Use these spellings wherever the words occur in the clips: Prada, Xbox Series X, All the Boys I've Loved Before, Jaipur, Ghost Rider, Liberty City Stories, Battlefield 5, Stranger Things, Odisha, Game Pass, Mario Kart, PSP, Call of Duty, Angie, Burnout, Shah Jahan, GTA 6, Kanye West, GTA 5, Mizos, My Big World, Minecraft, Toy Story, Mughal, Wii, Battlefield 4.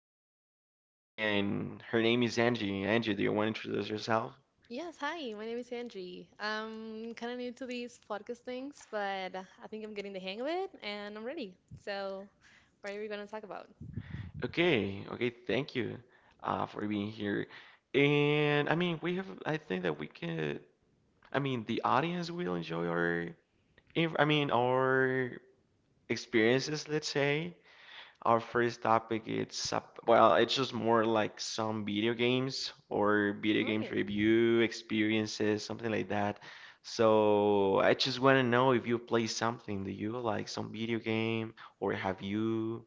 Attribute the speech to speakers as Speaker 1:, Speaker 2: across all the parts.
Speaker 1: together, and her name is Angie. Angie, do you want to introduce yourself?
Speaker 2: Yes, hi, my name is Angie. I'm kind of new to these podcast things, but I think I'm getting the hang of it and I'm ready. So, what are we going to talk about?
Speaker 1: Okay, okay, thank you for being here. And I mean, we have, I think that we can. I mean, the audience will enjoy our, inf- I mean, our experiences, let's say. Our first topic it's up, well, it's just more like some video games or video
Speaker 2: All
Speaker 1: games
Speaker 2: right.
Speaker 1: review experiences, something like that. So I just want to know if you play something. Do you like some video game or have you?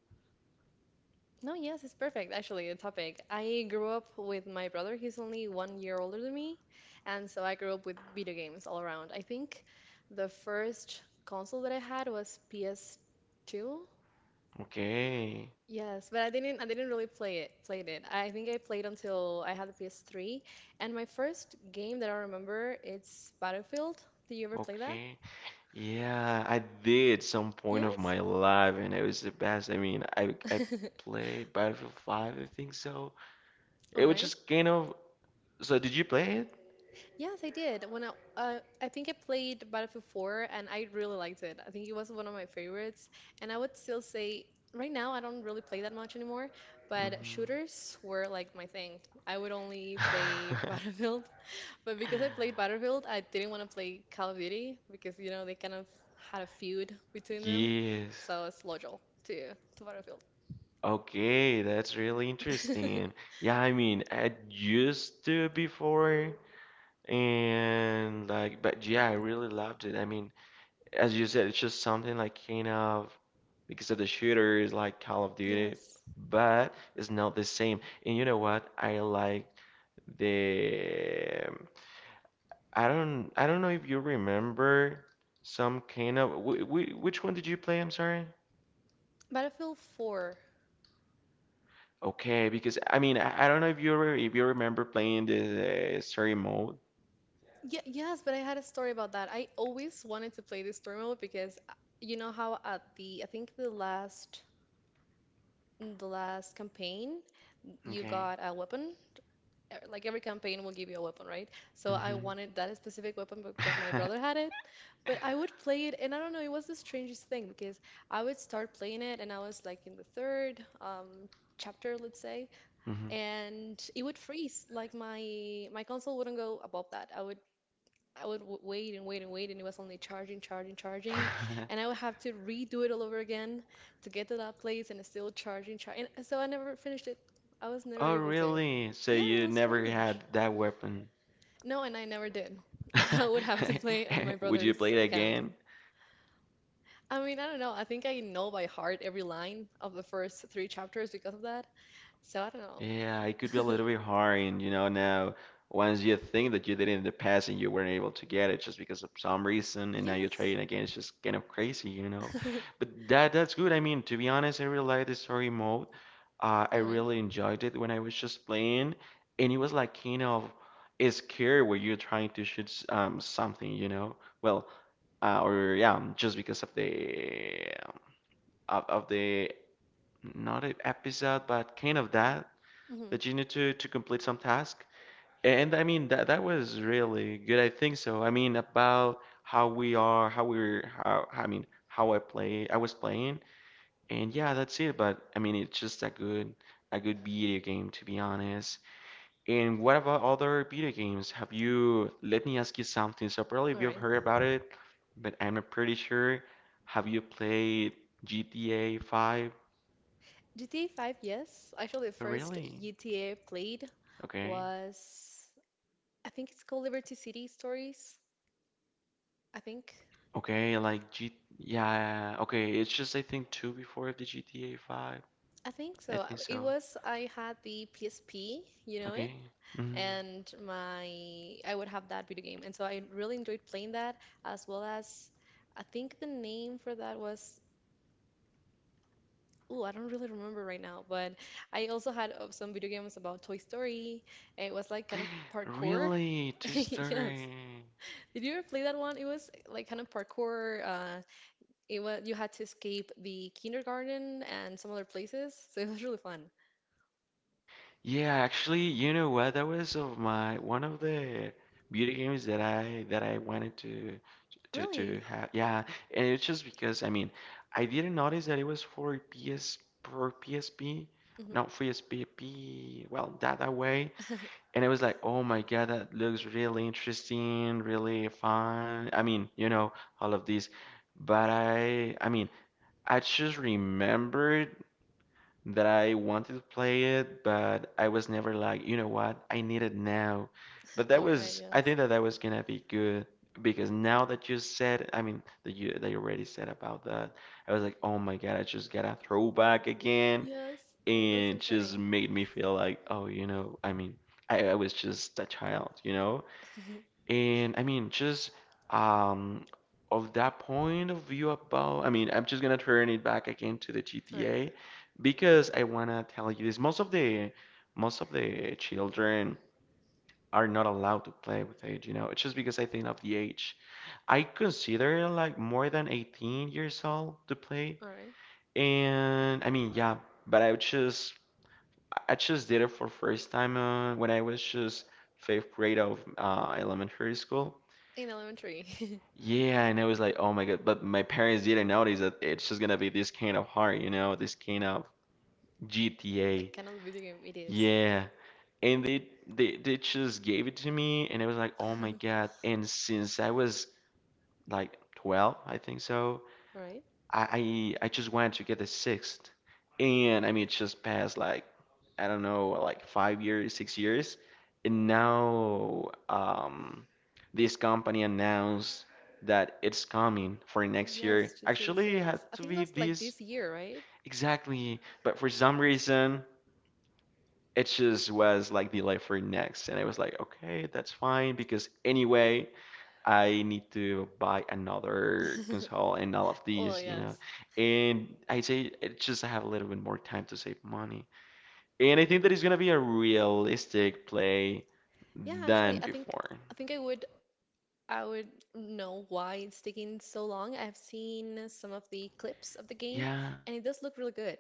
Speaker 2: No, yes, it's perfect, actually, the topic. I grew up with my brother. He's only one year older than me. And so I grew up with video games all around. I think the first console that I had was PS2.
Speaker 1: Okay,
Speaker 2: Yes, but I didn't really play it. I think I played until I had the PS3 and my first game that I remember it's Battlefield. Did you ever play that?
Speaker 1: okay, yeah, I did some point of
Speaker 2: Yes.
Speaker 1: my life, and it was the best. I mean, I played Battlefield 5, I think so.
Speaker 2: All
Speaker 1: It was
Speaker 2: right.
Speaker 1: just kind of. So did you play it?
Speaker 2: Yes, I did. When I think I played Battlefield 4 and I really liked it. I think it was one of my favorites and I would still say right now I don't really play that much anymore, but shooters were like my thing. I would only play
Speaker 1: Hmm.
Speaker 2: Battlefield. But because I played Battlefield, I didn't want to play Call of Duty because you know they kind of had a feud between them.
Speaker 1: Yes.
Speaker 2: So it's logical to Battlefield.
Speaker 1: Okay, that's really interesting. Yeah, I mean, I used to before, and like, but yeah, I really loved it. I mean, as you said, it's just something like kind of because of the shooter is like Call of Duty,
Speaker 2: Yes.
Speaker 1: but it's not the same. And you know what? I like the I don't know if you remember some kind of wh wh which one did you play? I'm sorry.
Speaker 2: Battlefield 4.
Speaker 1: Okay, because I mean I don't know if you re if you remember playing the story mode.
Speaker 2: Yeah, yes, but I had a story about that. I always wanted to play this story mode because you know how at the I think the last campaign you
Speaker 1: Okay.
Speaker 2: got a weapon like every campaign will give you a weapon, right? So I
Speaker 1: Hmm.
Speaker 2: wanted that specific weapon because my brother had it, but I would play it, and I don't know, it was the strangest thing because I would start playing it, and I was like in the third chapter, let's say,
Speaker 1: hmm.
Speaker 2: and it would freeze. Like my console wouldn't go above that. Wait and wait and wait, and it was only charging, charging, charging, and I would have to redo it all over again to get to that place, and it's still charging, charging. So I never finished it. I was never
Speaker 1: Oh
Speaker 2: able to.
Speaker 1: really? So
Speaker 2: Yeah, it
Speaker 1: you
Speaker 2: was
Speaker 1: never had
Speaker 2: strange.
Speaker 1: that weapon?
Speaker 2: No, and I never did. I would have to play on my
Speaker 1: Would you play
Speaker 2: brother's
Speaker 1: it
Speaker 2: account.
Speaker 1: again?
Speaker 2: I mean, I don't know. I think I know by heart every line of the first three chapters because of that. So I don't know.
Speaker 1: Yeah, it could be a little bit hard, and you know, now once you think that you did it in the past and you weren't able to get it just because of some reason, and now you're
Speaker 2: Yes.
Speaker 1: trying again, it's just kind of crazy,
Speaker 2: All
Speaker 1: But that's good. I mean, to be honest, I really like the story mode. I
Speaker 2: right.
Speaker 1: really enjoyed it when I was just playing, and it was like kind of it's scary where you're trying to shoot something, Well, or yeah, just because of the not a episode, but kind of that
Speaker 2: Mm-hmm.
Speaker 1: that you need to complete some task. And I mean that that was really good. I think so. I mean about how we are, how we're, how I mean how I play, I was playing, and yeah, that's it. But I mean it's just a good video game, to be honest. And what about other video games? Have you, let me ask you something. So probably if
Speaker 2: All
Speaker 1: you've
Speaker 2: right.
Speaker 1: heard about it, but I'm not pretty sure. Have you played GTA 5?
Speaker 2: GTA 5, yes. Actually, the first
Speaker 1: Really?
Speaker 2: GTA played
Speaker 1: Okay.
Speaker 2: was, I think it's called Liberty City Stories. I think.
Speaker 1: Okay, like G. Yeah. Okay, it's just I think two before the GTA 5.
Speaker 2: I think
Speaker 1: I
Speaker 2: so.
Speaker 1: think
Speaker 2: It
Speaker 1: so.
Speaker 2: was, I had the PSP, you know it?
Speaker 1: Okay. Mm.
Speaker 2: And my I would have that video game. And so I really enjoyed playing that as well as I think the name for that was oh, I don't really remember right now, but I also had some video games about Toy Story. It was like kind of parkour.
Speaker 1: Really, Toy
Speaker 2: Yes.
Speaker 1: Story?
Speaker 2: Did you ever play that one? It was like kind of parkour. It was you had to escape the kindergarten and some other places, so it was really fun.
Speaker 1: Yeah, actually, you know what? That was of my one of the video games that I wanted to
Speaker 2: Really?
Speaker 1: have. Yeah, and it's just because I mean, I didn't notice that it was for PS for PSP,
Speaker 2: Mhm.
Speaker 1: not for PSP. Well, that that way. And it was like, oh my God, that looks really interesting, really fun. I mean, you know, all of these. But I just remembered that I wanted to play it, but I was never like, you know what, I need it now. But that
Speaker 2: All right,
Speaker 1: was,
Speaker 2: yes.
Speaker 1: I think that that was gonna be good because now that you said, I mean, that you already said about that, I was like, oh my God, I just got a throwback again
Speaker 2: Yes, that's
Speaker 1: and just
Speaker 2: exciting.
Speaker 1: made me feel like, oh, you know, I mean, I was just a child, you know? And I mean, just um, of that point of view about, I mean, I'm just gonna turn it back again to the
Speaker 2: All right,
Speaker 1: GTA because I wanna tell you this. Most of the children are not allowed to play with it, you know. It's just because I think of the age. I consider like more than 18 years old to play,
Speaker 2: all right.
Speaker 1: and I mean, yeah, but I just did it for first time when I was just fifth grade of elementary school.
Speaker 2: In elementary,
Speaker 1: Yeah, and it was like, oh my God, but my parents didn't notice that it's just gonna be this kind of hard, you know, this kind of
Speaker 2: the
Speaker 1: GTA.
Speaker 2: kind of video game it is,
Speaker 1: Yeah. And they just gave it to me and it was like, oh my God. And since I was like 12, I think so,
Speaker 2: right?
Speaker 1: I just wanted to get the sixth, and I mean, it just passed like I don't know, like 5 years, 6 years, and now this company announced that it's coming for next year.
Speaker 2: Yes, GTA
Speaker 1: Actually, it had
Speaker 2: 6. I
Speaker 1: to
Speaker 2: think it
Speaker 1: be
Speaker 2: was like
Speaker 1: this
Speaker 2: this year, right?
Speaker 1: exactly, but for some reason, it just was like delayed for next, and I was like, okay, that's fine because anyway, I need to buy another console and all of
Speaker 2: Well,
Speaker 1: these, you know.
Speaker 2: yes.
Speaker 1: And I say it just I have a little bit more time to save money. And I think that it's gonna be a realistic play
Speaker 2: Yeah, actually,
Speaker 1: than
Speaker 2: I think
Speaker 1: before.
Speaker 2: I think I would know why it's taking so long. I've seen some of the clips of the game,
Speaker 1: Yeah,
Speaker 2: and it does look really good.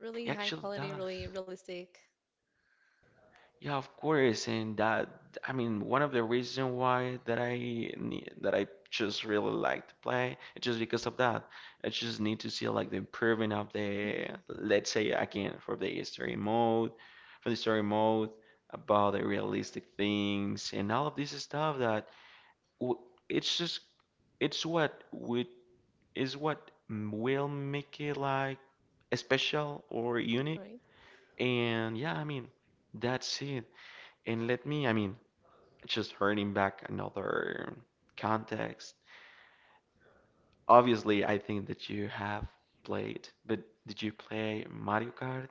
Speaker 2: Really
Speaker 1: it
Speaker 2: high
Speaker 1: actually
Speaker 2: quality, really
Speaker 1: does.
Speaker 2: realistic.
Speaker 1: Yeah, of course, and that I mean one of the reason why that that I just really like to play it's just because of that. I just need to see like the improvement of the,
Speaker 2: Hmm.
Speaker 1: let's say again, for the story mode, for the story mode about the realistic things and all of this stuff that w- it's just it's what would is what will make it like special or unique.
Speaker 2: Right?
Speaker 1: And yeah, I mean. That's it. And let me, I mean, just hurting back another context. Obviously, I think that you have played, but did you play Mario Kart,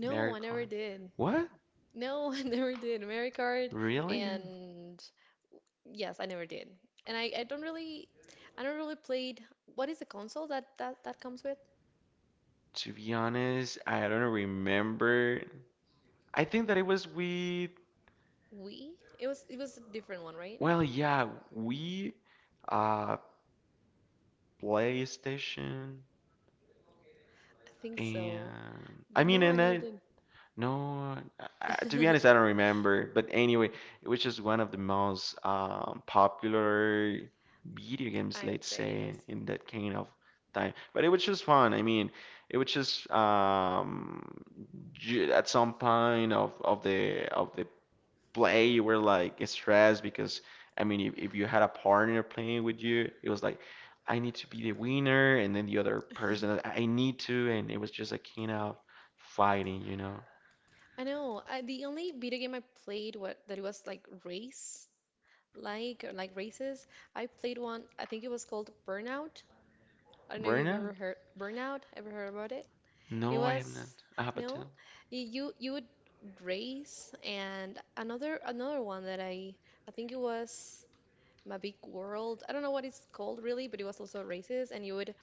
Speaker 2: No,
Speaker 1: Mario
Speaker 2: I never
Speaker 1: Kart?
Speaker 2: did.
Speaker 1: What?
Speaker 2: No, I never did. Mario Kart
Speaker 1: Really?
Speaker 2: and yes, I never did. And I don't really played what is the console that comes with?
Speaker 1: To be honest, I don't remember. I think that it was with,
Speaker 2: Wii? It was a different one, right?
Speaker 1: well, yeah, we uh PlayStation
Speaker 2: I think so.
Speaker 1: and I
Speaker 2: But
Speaker 1: mean,
Speaker 2: no, I
Speaker 1: and
Speaker 2: never
Speaker 1: I
Speaker 2: did.
Speaker 1: No, to be honest, I don't remember. But anyway, it was just one of the most popular video games,
Speaker 2: I would
Speaker 1: let's
Speaker 2: say
Speaker 1: say,
Speaker 2: yes.
Speaker 1: in that kind of time. But it was just fun. I mean, it was just at some point of the play, you were like stressed because I mean, if you had a partner playing with you, it was like, I need to be the winner, and then the other person, I need to, and it was just a kind of fighting, you know.
Speaker 2: I know. I, the only video game I played what that it was like race, like or like races. I played one, I think it was called Burnout. I don't know if you've
Speaker 1: Burnout?
Speaker 2: ever heard Burnout, ever heard about it? It
Speaker 1: No, I have
Speaker 2: was
Speaker 1: not. Ah,
Speaker 2: no,
Speaker 1: Patel.
Speaker 2: you would race and another one that I think it was My Big World. I don't know what it's called really, but it was also races and you would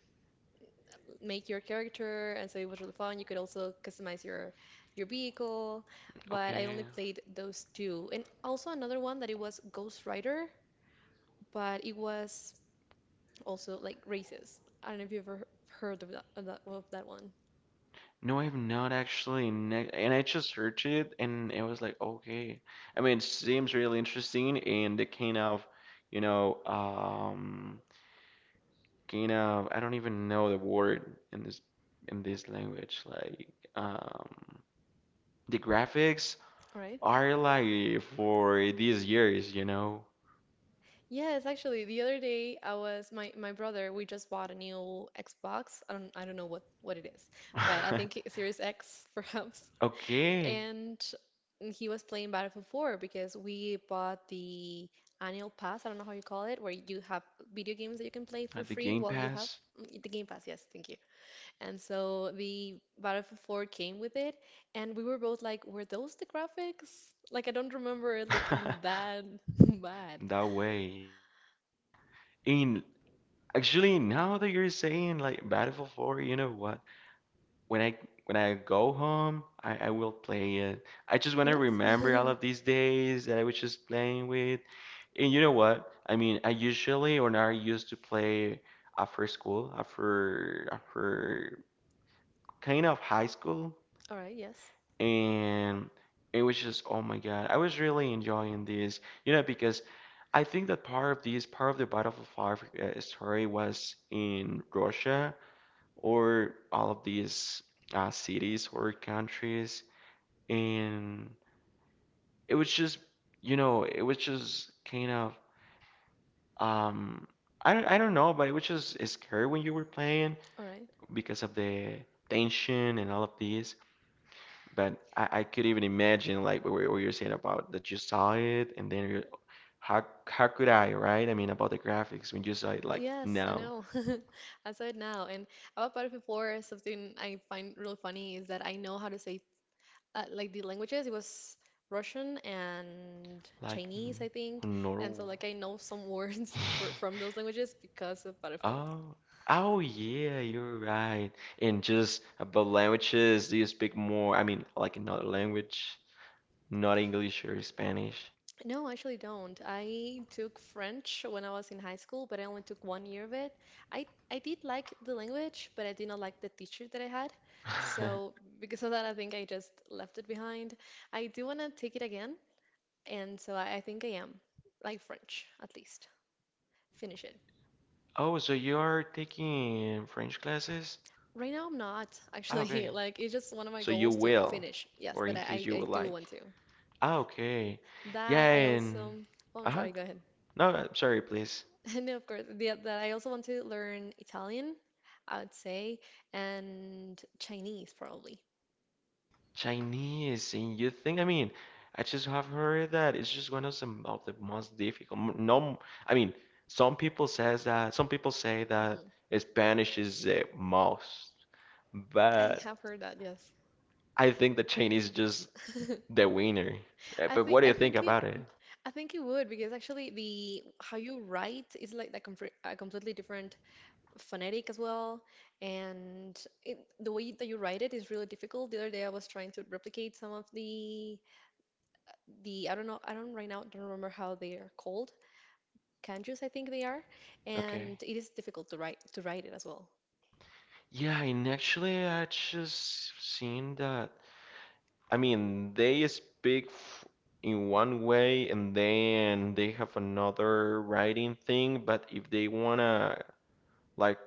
Speaker 2: make your character and so it was really fun. You could also customize your vehicle, but I only
Speaker 1: Okay.
Speaker 2: played those two. And also another one that it was Ghost Rider, but it was also like races. I don't know if you've ever heard of that one.
Speaker 1: No, I have not actually. Ne and I just searched it and it was like, okay. I mean, it seems really interesting and the kind of, you know, kind of, I don't even know the word in this language. Like, um, the graphics
Speaker 2: All right.
Speaker 1: are like for these years, you know.
Speaker 2: Yes, actually, the other day I was my brother. We just bought a new Xbox. I don't know what it is, but I think Series X perhaps.
Speaker 1: Okay.
Speaker 2: And he was playing Battlefield 4 because we bought the annual pass. I don't know how you call it, where you have video games that you can play for
Speaker 1: At the
Speaker 2: free.
Speaker 1: Game
Speaker 2: Well, you have
Speaker 1: Pass.
Speaker 2: the Game Pass. Yes, thank you. And so the Battlefield 4 came with it, and we were both like, "Were those the graphics? Like, I don't remember it looking that bad."
Speaker 1: That way. In Actually, now that you're saying like Battlefield 4, you know what? When I when I go home, I will play it. I just want to
Speaker 2: Yes.
Speaker 1: remember all of these days that I was just playing with. And you know what? I mean, I usually or now I used to play after school, after kind of high school,
Speaker 2: All right, yes.
Speaker 1: and it was just oh my God, I was really enjoying this. You know, because I think that part of the Battlefield 5 story was in Russia or all of these cities or countries. And it was just, you know, it was just kind of, um, I don't know, but it was just scary when you were playing
Speaker 2: All right.
Speaker 1: because of the tension and all of these. But I could even imagine like what you're saying about that you saw it and then you how could I, right? I mean about the graphics when you saw it like
Speaker 2: Yes, I
Speaker 1: now,
Speaker 2: know. I saw it now. And about Padre before, something I find really funny is that I know how to say like the languages. It was Russian and
Speaker 1: like
Speaker 2: Chinese, I think.
Speaker 1: mm,
Speaker 2: And so
Speaker 1: no.
Speaker 2: like I know some words for, from those languages because of battlefield.
Speaker 1: Oh, oh yeah, you're right. And just about languages, do you speak more? I mean, like another language, not English or Spanish.
Speaker 2: No, I actually don't. I took French when I was in high school, but I only took one year of it. I, I did like the language, but I did not like the teacher that I had. So because of that, I think I just left it behind. I do want to take it again, and so I think I am. Like French, at least. Finish it.
Speaker 1: Oh, so you are taking French classes?
Speaker 2: Right now, I'm not
Speaker 1: Ah,
Speaker 2: actually.
Speaker 1: okay.
Speaker 2: Like, it's just one of my
Speaker 1: So you
Speaker 2: goals to
Speaker 1: will,
Speaker 2: finish. Yes,
Speaker 1: or
Speaker 2: but
Speaker 1: in case you
Speaker 2: I
Speaker 1: would
Speaker 2: do
Speaker 1: like.
Speaker 2: want to.
Speaker 1: Ah, okay. Yeah,
Speaker 2: That I
Speaker 1: and
Speaker 2: also. Oh, I'm
Speaker 1: uh-huh.
Speaker 2: sorry, go ahead.
Speaker 1: No, I'm sorry, please.
Speaker 2: No, of course. The, that I also want to learn Italian, I would say, and Chinese probably.
Speaker 1: Chinese, and you think, I mean, I just have heard that it's just one of some of the most difficult. No, I mean, some people say that
Speaker 2: Mhm.
Speaker 1: Spanish is the most,
Speaker 2: I
Speaker 1: but
Speaker 2: have heard that, yes.
Speaker 1: I think the Chinese is just the winner.
Speaker 2: I
Speaker 1: But
Speaker 2: think
Speaker 1: what do
Speaker 2: I
Speaker 1: you think
Speaker 2: think it
Speaker 1: about it?
Speaker 2: I think it would because actually the how you write is like a, a completely different phonetic as well, and it, the way that you write it is really difficult. The other day I was trying to replicate some of the I don't know, I don't right now don't remember how they are called, kanjus, I think they are,
Speaker 1: Okay.
Speaker 2: and it is difficult to write it as well.
Speaker 1: Yeah, and actually, I just seen that I mean, they speak f in one way and then they have another writing thing, but if they wanna like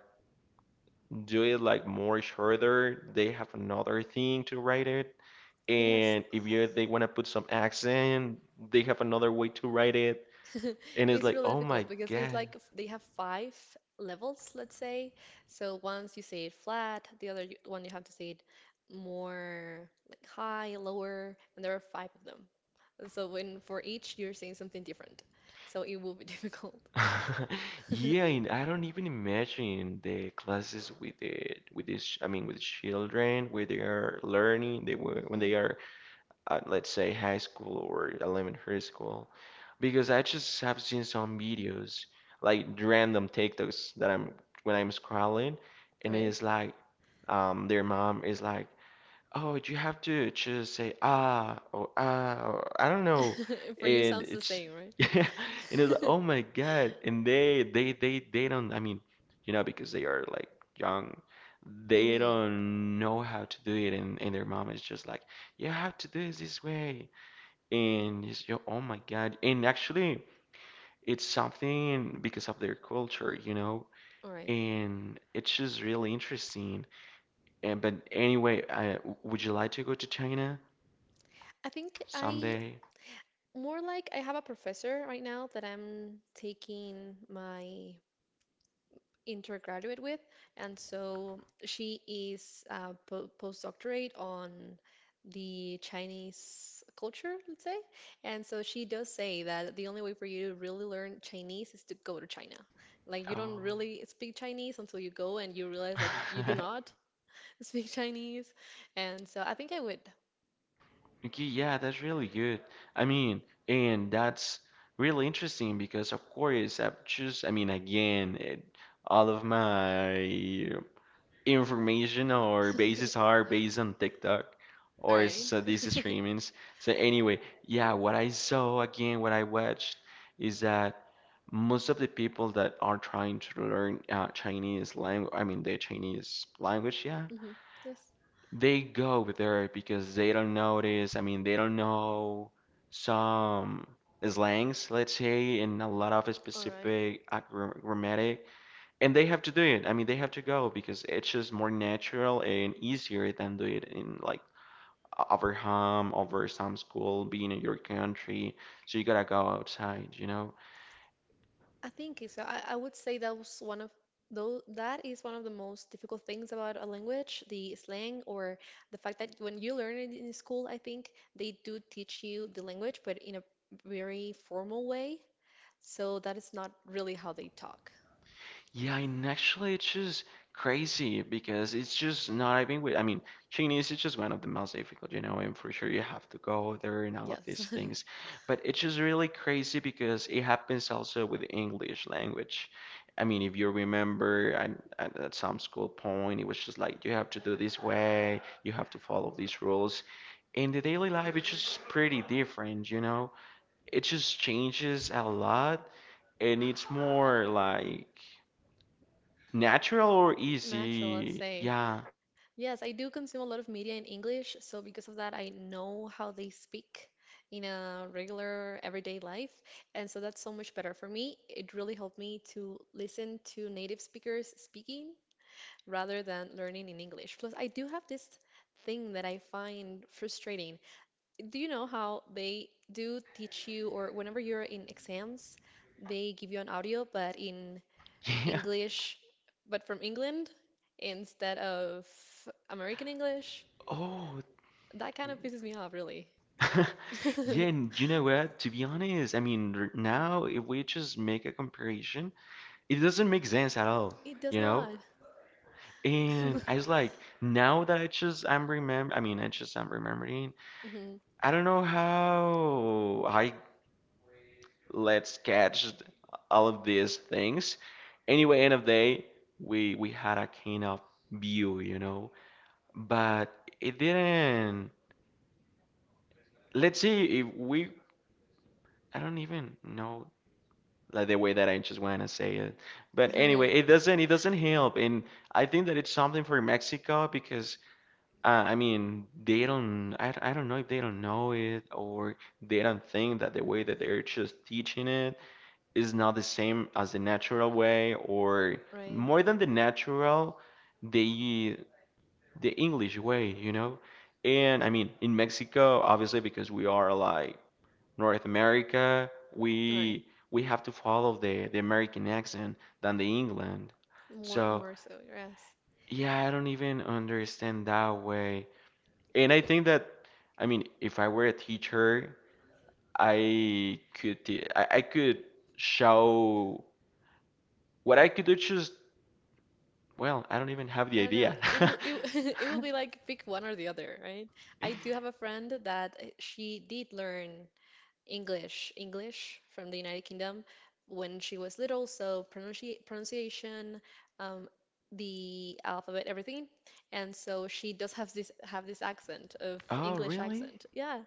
Speaker 1: do it like more shorter, they have another thing to write it.
Speaker 2: Yes,
Speaker 1: And if you they wanna put some accent, they have another way to write it. And it's
Speaker 2: it's
Speaker 1: like,
Speaker 2: really
Speaker 1: oh my
Speaker 2: difficult because it's
Speaker 1: God.
Speaker 2: like they have five levels, let's say. So once you say it flat, the other one you have to say it more like high, lower, and there are five of them. So when for each you're saying something different, so it will be difficult.
Speaker 1: Yeah, and I don't even imagine the classes with it with this I mean with children where they are learning they were when
Speaker 2: Hmm.
Speaker 1: they are let's say high school or elementary school, because I just have seen some videos like random TikToks that I'm when I'm scrolling, and
Speaker 2: Right?
Speaker 1: it's like their mom is like, oh, you have to just say ah or ah or I don't know,
Speaker 2: For you
Speaker 1: and
Speaker 2: sounds the
Speaker 1: it's
Speaker 2: same, right?
Speaker 1: yeah, and it's like oh my God, and they don't. I mean, you know, because they are like young, they
Speaker 2: Mhm.
Speaker 1: don't know how to do it, and their mom is just like, you have to do it this way, and it's yo oh my God. And actually it's something because of their culture, you know,
Speaker 2: All right.
Speaker 1: and it's just really interesting. And but anyway, I, would you like to go to China?
Speaker 2: I think I
Speaker 1: Someday.
Speaker 2: More like I have a professor right now that I'm taking my undergraduate with, and so she is po postdoctorate on the Chinese culture, let's say. And so she does say that the only way for you to really learn Chinese is to go to China. Like you
Speaker 1: Oh.
Speaker 2: don't really speak Chinese until you go and you realize that you do not speak Chinese. And so I think I would.
Speaker 1: Okay, yeah, that's really good. I mean, and that's really interesting because, of course, I've just, I mean, again, it, all of my information or bases are based on TikTok
Speaker 2: All
Speaker 1: or s-
Speaker 2: right.
Speaker 1: so these streamings. So, anyway, yeah, what I saw, again, what I watched is that most of the people that are trying to learn Chinese language, I mean, the Chinese language, yeah,
Speaker 2: Mhm. Yes.
Speaker 1: they go there because they don't notice. I mean, they don't know some slangs, let's say, and a lot of
Speaker 2: All right.
Speaker 1: specific grammatic, and they have to do it. I mean, they have to go because it's just more natural and easier than do it in like over home, over some school, being in your country. So you gotta go outside, you know?
Speaker 2: I think so. I would say that was one of though that is one of the most difficult things about a language, the slang or the fact that when you learn it in school, I think they do teach you the language, but in a very formal way. So that is not really how they talk.
Speaker 1: Yeah, and actually, it's just crazy because it's just not even with. I mean, Chinese is just one of the most difficult, you know, and for sure you have to go there and all of
Speaker 2: Yes.
Speaker 1: these things. But it's just really crazy because it happens also with the English language. I mean, if you remember, I, at some school point, it was just like you have to do this way, you have to follow these rules. In the daily life, it's just pretty different, you know. It just changes a lot, and it's more like natural or
Speaker 2: Natural, let's
Speaker 1: easy?
Speaker 2: say.
Speaker 1: Yeah.
Speaker 2: Yes, I do consume a lot of media in English, so because of that, I know how they speak in a regular everyday life, and so that's so much better for me. It really helped me to listen to native speakers speaking rather than learning in English. Plus, I do have this thing that I find frustrating. Do you know how they do teach you, or whenever you're in exams, they give you an audio, but in
Speaker 1: Yeah.
Speaker 2: English, but from England instead of American English?
Speaker 1: Oh.
Speaker 2: That kind of pisses me off, really.
Speaker 1: Yeah, and you know what? To be honest, I mean, now if we just make a comparison, it doesn't make sense at all,
Speaker 2: It does
Speaker 1: you know?
Speaker 2: not.
Speaker 1: And I was like, now that I'm remember, I mean, I just I'm remembering.
Speaker 2: Mhm.
Speaker 1: I don't know how I let's catch all of these things. Anyway, end of day, we had a kind of view, you know, but it didn't. Let's see if we I don't even know like the way that I just want to say it. But anyway,
Speaker 2: Right,
Speaker 1: it doesn't help. And I think that it's something for Mexico because I mean they don't I don't know if they don't know it, or they don't think that the way that they're just teaching it is not the same as the natural way, or
Speaker 2: right,
Speaker 1: more than the natural the the English way, you know. And I mean in Mexico obviously because we are like North America,
Speaker 2: right.
Speaker 1: we have to follow the American accent than the England.
Speaker 2: More,
Speaker 1: So
Speaker 2: more so, yes.
Speaker 1: yeah, I don't even understand that way. And I
Speaker 2: Be-
Speaker 1: think that, I mean, if I were a teacher, I could I could show what I could do. Just well, I don't even have the
Speaker 2: I don't know.
Speaker 1: idea.
Speaker 2: It will, it will be like pick one or the other, right? I do have a friend that she did learn English, English from the United Kingdom when she was little, so pronunciation, um, the alphabet, everything. And so she does have this accent of
Speaker 1: Oh,
Speaker 2: English
Speaker 1: really?
Speaker 2: accent. Yeah.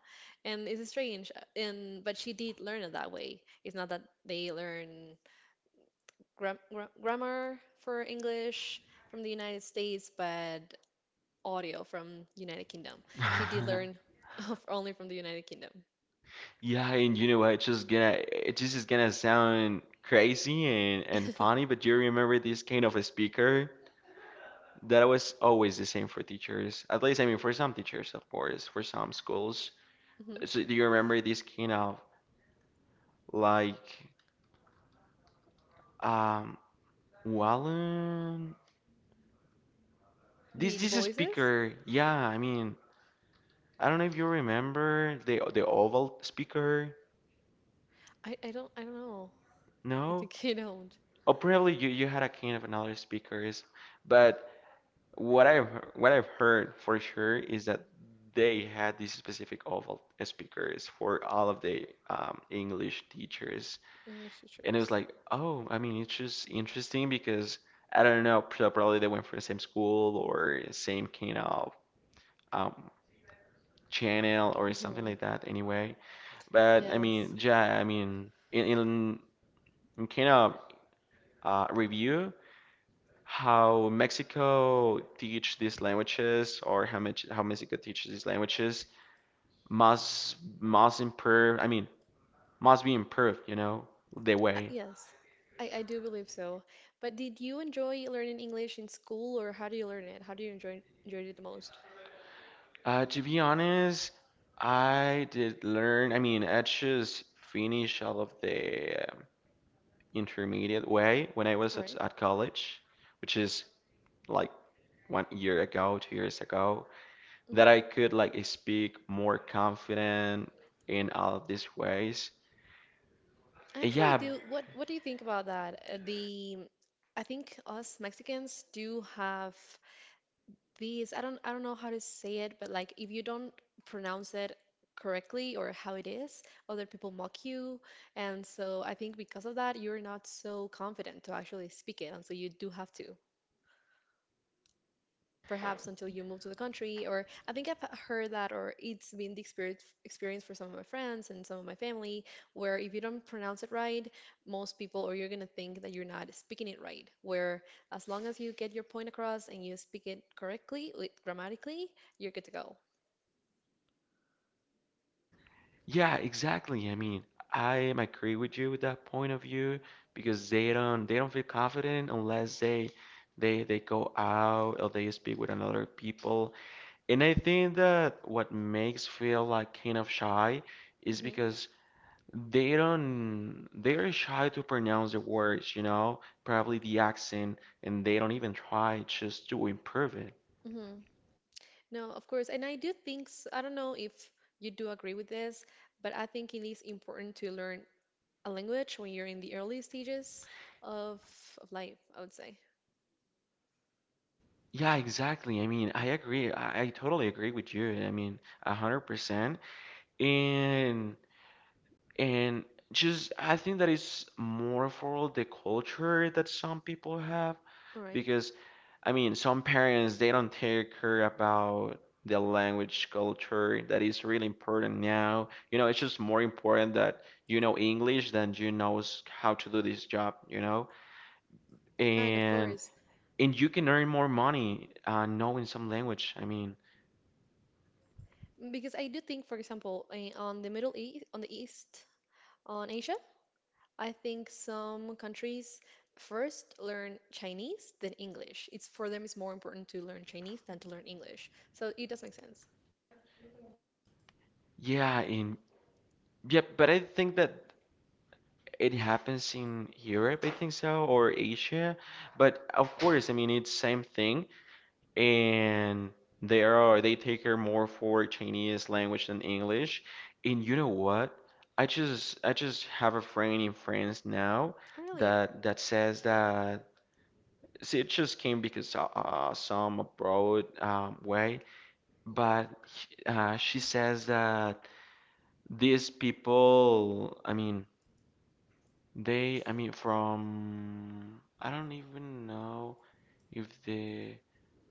Speaker 2: And it's strange. And but she did learn it that way. It's not that they learn grammar for English from the United States, but audio from United Kingdom. She did learn only from the United Kingdom.
Speaker 1: Yeah, and you know what? It's just gonna it just is gonna sound crazy and funny, but do you remember this kind of a speaker? That was always the same for teachers. At least, I mean, for some teachers, of course, for some schools.
Speaker 2: Hmm.
Speaker 1: So do you remember this kind of like um Wallen? This
Speaker 2: The
Speaker 1: this
Speaker 2: voices?
Speaker 1: speaker, yeah. I mean, I don't know if you remember the oval speaker.
Speaker 2: I don't know. I
Speaker 1: No?
Speaker 2: think you don't.
Speaker 1: Oh, probably you you had a kind of another speakers, but. What I've what I've heard for sure is that they had these specific oval speakers for all of the English teachers,
Speaker 2: English
Speaker 1: and it was
Speaker 2: teachers.
Speaker 1: like, oh, I mean, it's just interesting because I don't know, probably they went for the same school or same kind of um, channel or something
Speaker 2: Hmm.
Speaker 1: like that. Anyway, but I
Speaker 2: Yes.
Speaker 1: mean, yeah, I mean, in kind of review, how Mexico teach these languages or how Mexico teaches these languages must improve. I mean, must be improved. You know, the
Speaker 2: Uh,
Speaker 1: way.
Speaker 2: yes. I do believe so. But did you enjoy learning English in school or how do you learn it? How do you enjoy enjoyed it the most?
Speaker 1: To be honest, I did learn. I mean, I just finished all of the intermediate way when I was
Speaker 2: All
Speaker 1: at,
Speaker 2: right.
Speaker 1: at college, which is like 1 year ago, 2 years ago,
Speaker 2: Mm-hmm.
Speaker 1: that I could like speak more confident in all of these ways.
Speaker 2: I actually
Speaker 1: Yeah,
Speaker 2: do. What do you think about that? The I think us Mexicans do have these. I don't know how to say it, but like if you don't pronounce it correctly or how it is, other people mock you. And so I think because of that, you're not so confident to actually speak it, and so you do have to perhaps until you move to the country. Or I think I've heard that, or it's been the experience for some of my friends and some of my family, where if you don't pronounce it right, most people or you're going to think that you're not speaking it right. where as long as you get your point across and you speak it correctly with grammatically, you're good to go.
Speaker 1: yeah, exactly. I mean, I am agree with you with that point of view because they don't feel confident unless they they go out or they speak with another people. And I think that what makes feel like kind of shy is
Speaker 2: Hmm.
Speaker 1: because they don't they're shy to pronounce the words, you know, probably the accent, and they don't even try just to improve it.
Speaker 2: Hmm. No, of course. And I do think, I don't know if you do agree with this, but I think it is important to learn a language when you're in the early stages of, of life, I would say.
Speaker 1: Yeah, exactly. I mean, I agree. I totally agree with you. I mean, 100%. and and just I think that it's more for the culture that some people have,
Speaker 2: All right.
Speaker 1: because I mean some parents they don't take care about the language culture that is really important now. You know, it's just more important that you know English than you know how to do this job, you know?
Speaker 2: And of
Speaker 1: And
Speaker 2: course,
Speaker 1: and you can earn more money knowing some language. I mean,
Speaker 2: because I do think, for example, on the Middle East, on the East, on Asia, I think some countries first learn Chinese, then English. It's for them, it's more important to learn Chinese than to learn English. So it does make sense.
Speaker 1: yeah, and yeah, but I think that it happens in Europe, I think so, or Asia. But of course, I mean, it's same thing. And there are they take care more for Chinese language than English. And you know what? I just have a friend in France now
Speaker 2: Oh, really?
Speaker 1: that that says that see, it just came because some abroad way. But she says that these people, I mean they, I mean, from I don't even know if the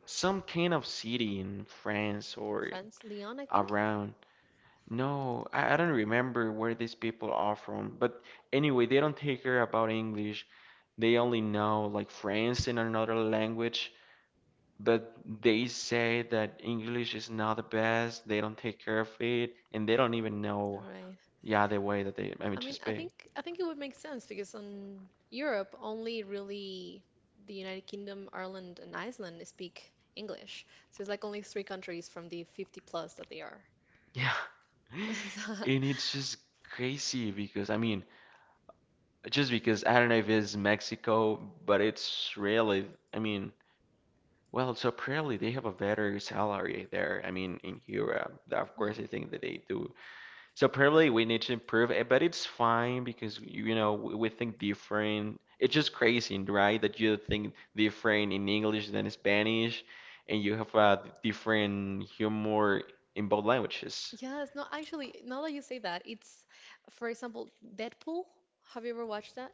Speaker 1: some kind of city in France or
Speaker 2: France, Lyon, I think.
Speaker 1: around. No, I don't remember where these people are from. But anyway, they don't take care about English. They only know like French in another language. But they say that English is not the best. They don't take care of it, and they don't even
Speaker 2: All
Speaker 1: know,
Speaker 2: right.
Speaker 1: yeah, the way that they, I mean,
Speaker 2: I
Speaker 1: to
Speaker 2: mean, I
Speaker 1: speak.
Speaker 2: think I think it would make sense because on Europe, only really the United Kingdom, Ireland, and Iceland speak English. So it's like only three countries from the 50 plus that they are.
Speaker 1: Yeah.
Speaker 2: So,
Speaker 1: And it's just crazy because I mean, just because I don't know if it's Mexico, but it's really, I mean, well, so probably they have a better salary there. I mean, in Europe, that, of course,
Speaker 2: hmm.
Speaker 1: I think that they do. So probably we need to improve it, but it's fine because you know we think different. It's just crazy, right? That you think different in English than Spanish, and you have a different humor in both languages.
Speaker 2: Yes, no, actually, now that you say that, it's, for example, Deadpool. Have you ever watched that?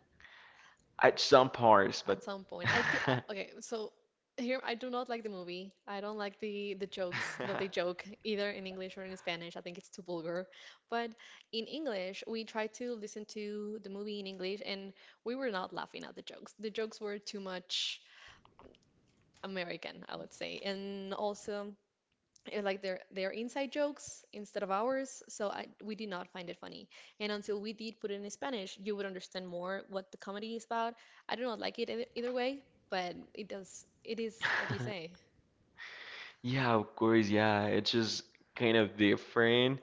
Speaker 1: At some parts,
Speaker 2: At
Speaker 1: but
Speaker 2: some point, okay. So here, I do not like the movie. I don't like the jokes that they joke either in English or in Spanish. I think it's too vulgar. But in English, we tried to listen to the movie in English, and we were not laughing at the jokes. The jokes were too much American, I would say, and also like their inside jokes instead of ours. So we did not find it funny, and until we did put it in Spanish, you would understand more what the comedy is about. I do not like it either, either way, but it does, it is like you say.
Speaker 1: yeah, of course, yeah. It's just kind of different,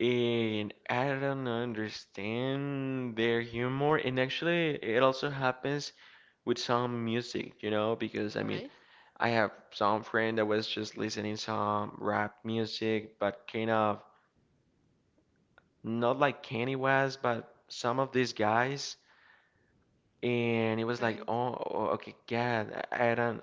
Speaker 1: and I don't understand their humor. And actually, it also happens with some music, you know, because I
Speaker 2: All
Speaker 1: mean,
Speaker 2: right.
Speaker 1: I have some friend that was just listening some rap music, but kind of not like Kanye West, but some of these guys, and it was
Speaker 2: All
Speaker 1: like,
Speaker 2: right.
Speaker 1: oh, oh, okay, God, I don't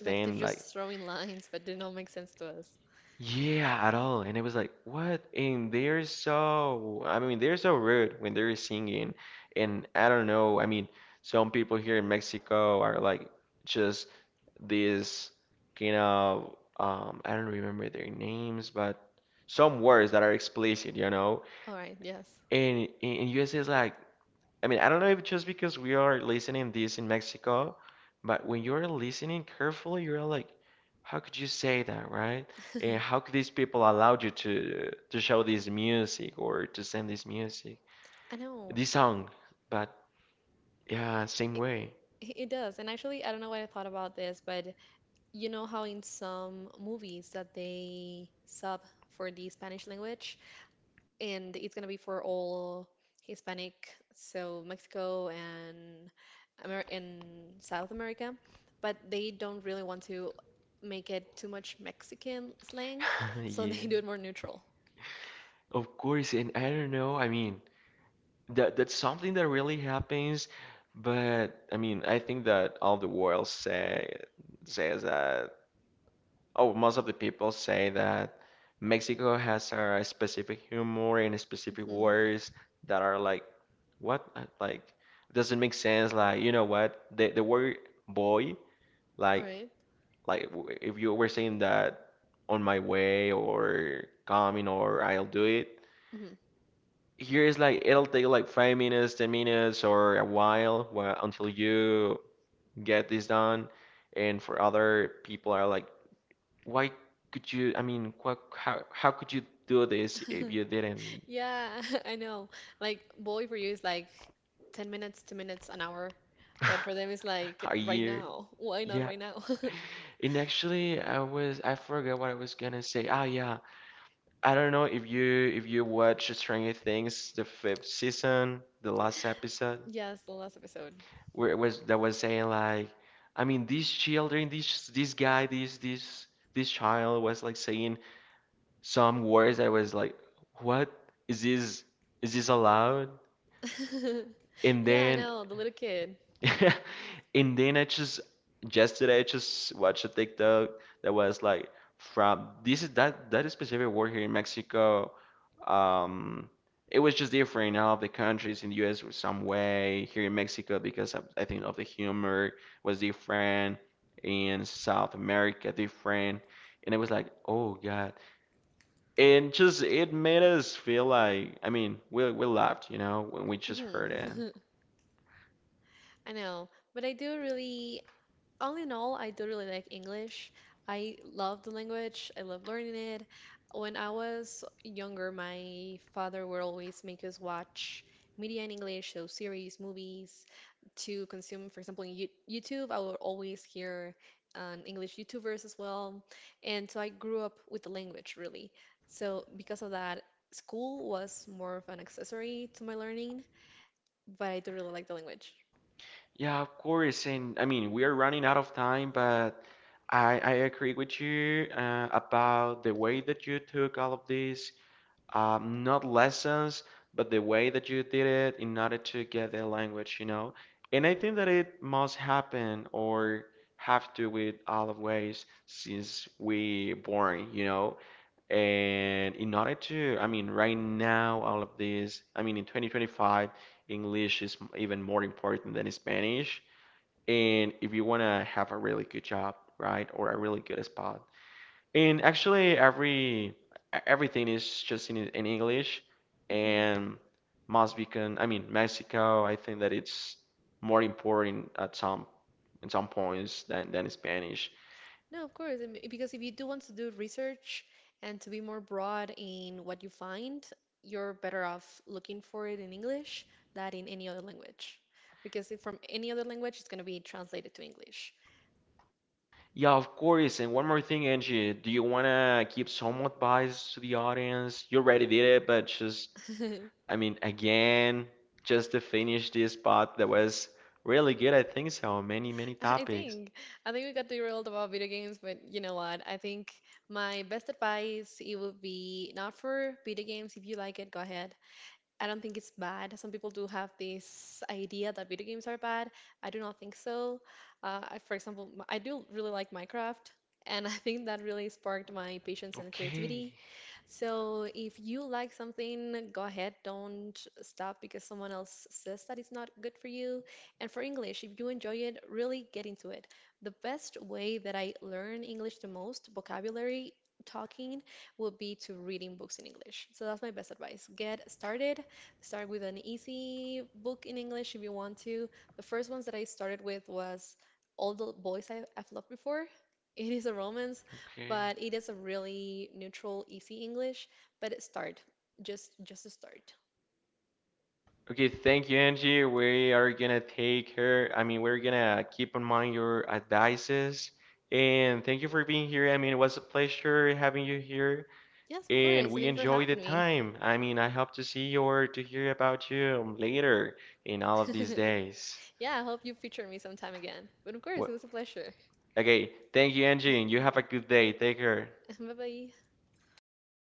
Speaker 2: Like they're just
Speaker 1: like
Speaker 2: throwing lines, but they don't make sense to us.
Speaker 1: yeah, at all. And it was like, what? And they're so, I mean, they're so rude when they're singing. And I don't know, I mean, some people here in Mexico are like just this kind of, I don't remember their names, but some words that are explicit, you know?
Speaker 2: All right. Yes.
Speaker 1: And in USA, it's like, I mean, I don't know if just because we are listening this in Mexico, but when you're listening carefully, you're like, how could you say that, right? And how could these people allow you to show this music or to send this music,
Speaker 2: I know.
Speaker 1: this song? But yeah, same
Speaker 2: it,
Speaker 1: way.
Speaker 2: it does. And actually, I don't know what I thought about this, but you know how in some movies that they sub for the Spanish language, and it's gonna be for all Hispanic, so Mexico and Amer and South America, but they don't really want to make it too much Mexican slang, so they
Speaker 1: Yeah,
Speaker 2: do it more neutral.
Speaker 1: of course. And I don't know. I mean, that that's something that really happens. But I mean, I think that all the world says that oh, most of the people say that Mexico has a specific humor and specific
Speaker 2: Mhm.
Speaker 1: words that are like, what? Like, doesn't make sense. Like, you know what? The word boy,
Speaker 2: All
Speaker 1: like,
Speaker 2: right.
Speaker 1: like if you were saying that on my way or coming or I'll do it.
Speaker 2: Mhm.
Speaker 1: Here is like it'll take like 5 minutes, 10 minutes, or a while until you get this done. And for other people are like why could you, I mean, what, how could you do this if you didn't
Speaker 2: Yeah, I know. Like boy for you is like 10 minutes, 2 minutes, an hour, but for them it's like
Speaker 1: a
Speaker 2: right
Speaker 1: year?
Speaker 2: now. Why not
Speaker 1: Yeah.
Speaker 2: right now?
Speaker 1: And actually, I forgot what I was gonna say. Ah, yeah. I don't know if you watch Stranger Things, the fifth season, the last episode,
Speaker 2: Yes, the last episode.
Speaker 1: where it was, that was saying like, I mean, these children, this guy, this child was like saying some words. I was like, what is this? Is this allowed? And
Speaker 2: Yeah, I
Speaker 1: then
Speaker 2: know, the little kid.
Speaker 1: and then I just yesterday I just watched a TikTok that was like from this is that that specific war here in Mexico. Um, it was just different in all of the countries in the US, was some way here in Mexico because of, I think of the humor was different, in South America different. And it was like, oh God. And just it made us feel like I mean, we laughed, you know, when we just
Speaker 2: Mhm.
Speaker 1: heard it.
Speaker 2: I know, but I do really, all in all, I do really like English. I love the language. I love learning it. When I was younger, my father would always make us watch media in English, so series, movies to consume. For example, in YouTube, I would always hear English YouTubers as well. And so I grew up with the language, really. So because of that, school was more of an accessory to my learning, but I do really like the language.
Speaker 1: Yeah, of course. And I mean, we are running out of time, but I agree with you about the way that you took all of these, not lessons, but the way that you did it in order to get the language, you know? And I think that it must happen or have to with all of ways since we born, you know? And in order to, I mean, right now, all of this, I mean, in 2025, English is even more important than Spanish, and if you want to have a really good job, right, or a really good spot. And actually, everything is just in English, and Mozambican, I mean Mexico. I think that it's more important at some points than Spanish.
Speaker 2: No, of course, and because if you do want to do research and to be more broad in what you find, you're better off looking for it in English than in any other language. Because if from any other language, it's going to be translated to English.
Speaker 1: Yeah, of course. And one more thing, Angie, do you want to give some advice to the audience? You already did it, but just I mean, again, just to finish this part that was really good. I think so. Many, many
Speaker 2: I
Speaker 1: topics.
Speaker 2: think. I think we got derailed about video games, but you know what? I think my best advice it would be not for video games. If you like it, go ahead. I don't think it's bad. Some people do have this idea that video games are bad. I do not think so. I, for example, I do really like Minecraft, and I think that really sparked my patience and
Speaker 1: Okay.
Speaker 2: creativity. So if you like something, go ahead. Don't stop because someone else says that it's not good for you. And for English, if you enjoy it, really get into it. The best way that I learn English the most, vocabulary, talking, would be to reading books in English. So that's my best advice. Get started. Start with an easy book in English if you want to. The first ones that I started with was All the Boys I've Loved Before. It is a romance,
Speaker 1: Okay.
Speaker 2: but it is a really neutral, easy English. But it start, just to start.
Speaker 1: Okay, thank you, Angie. We are gonna take her. I mean, we're gonna keep in mind your advices. And thank you for being here. I mean, it was a pleasure having you here.
Speaker 2: Yes, of
Speaker 1: And
Speaker 2: course. Thank
Speaker 1: we
Speaker 2: you for
Speaker 1: enjoy the
Speaker 2: having me.
Speaker 1: time. I mean, I hope to see you or to hear about you later in all of these days.
Speaker 2: Yeah, I hope you feature me sometime again. But of course, it
Speaker 1: What?
Speaker 2: was a pleasure.
Speaker 1: Okay, thank you, Angie. You have a good day. Take care.
Speaker 2: Bye bye.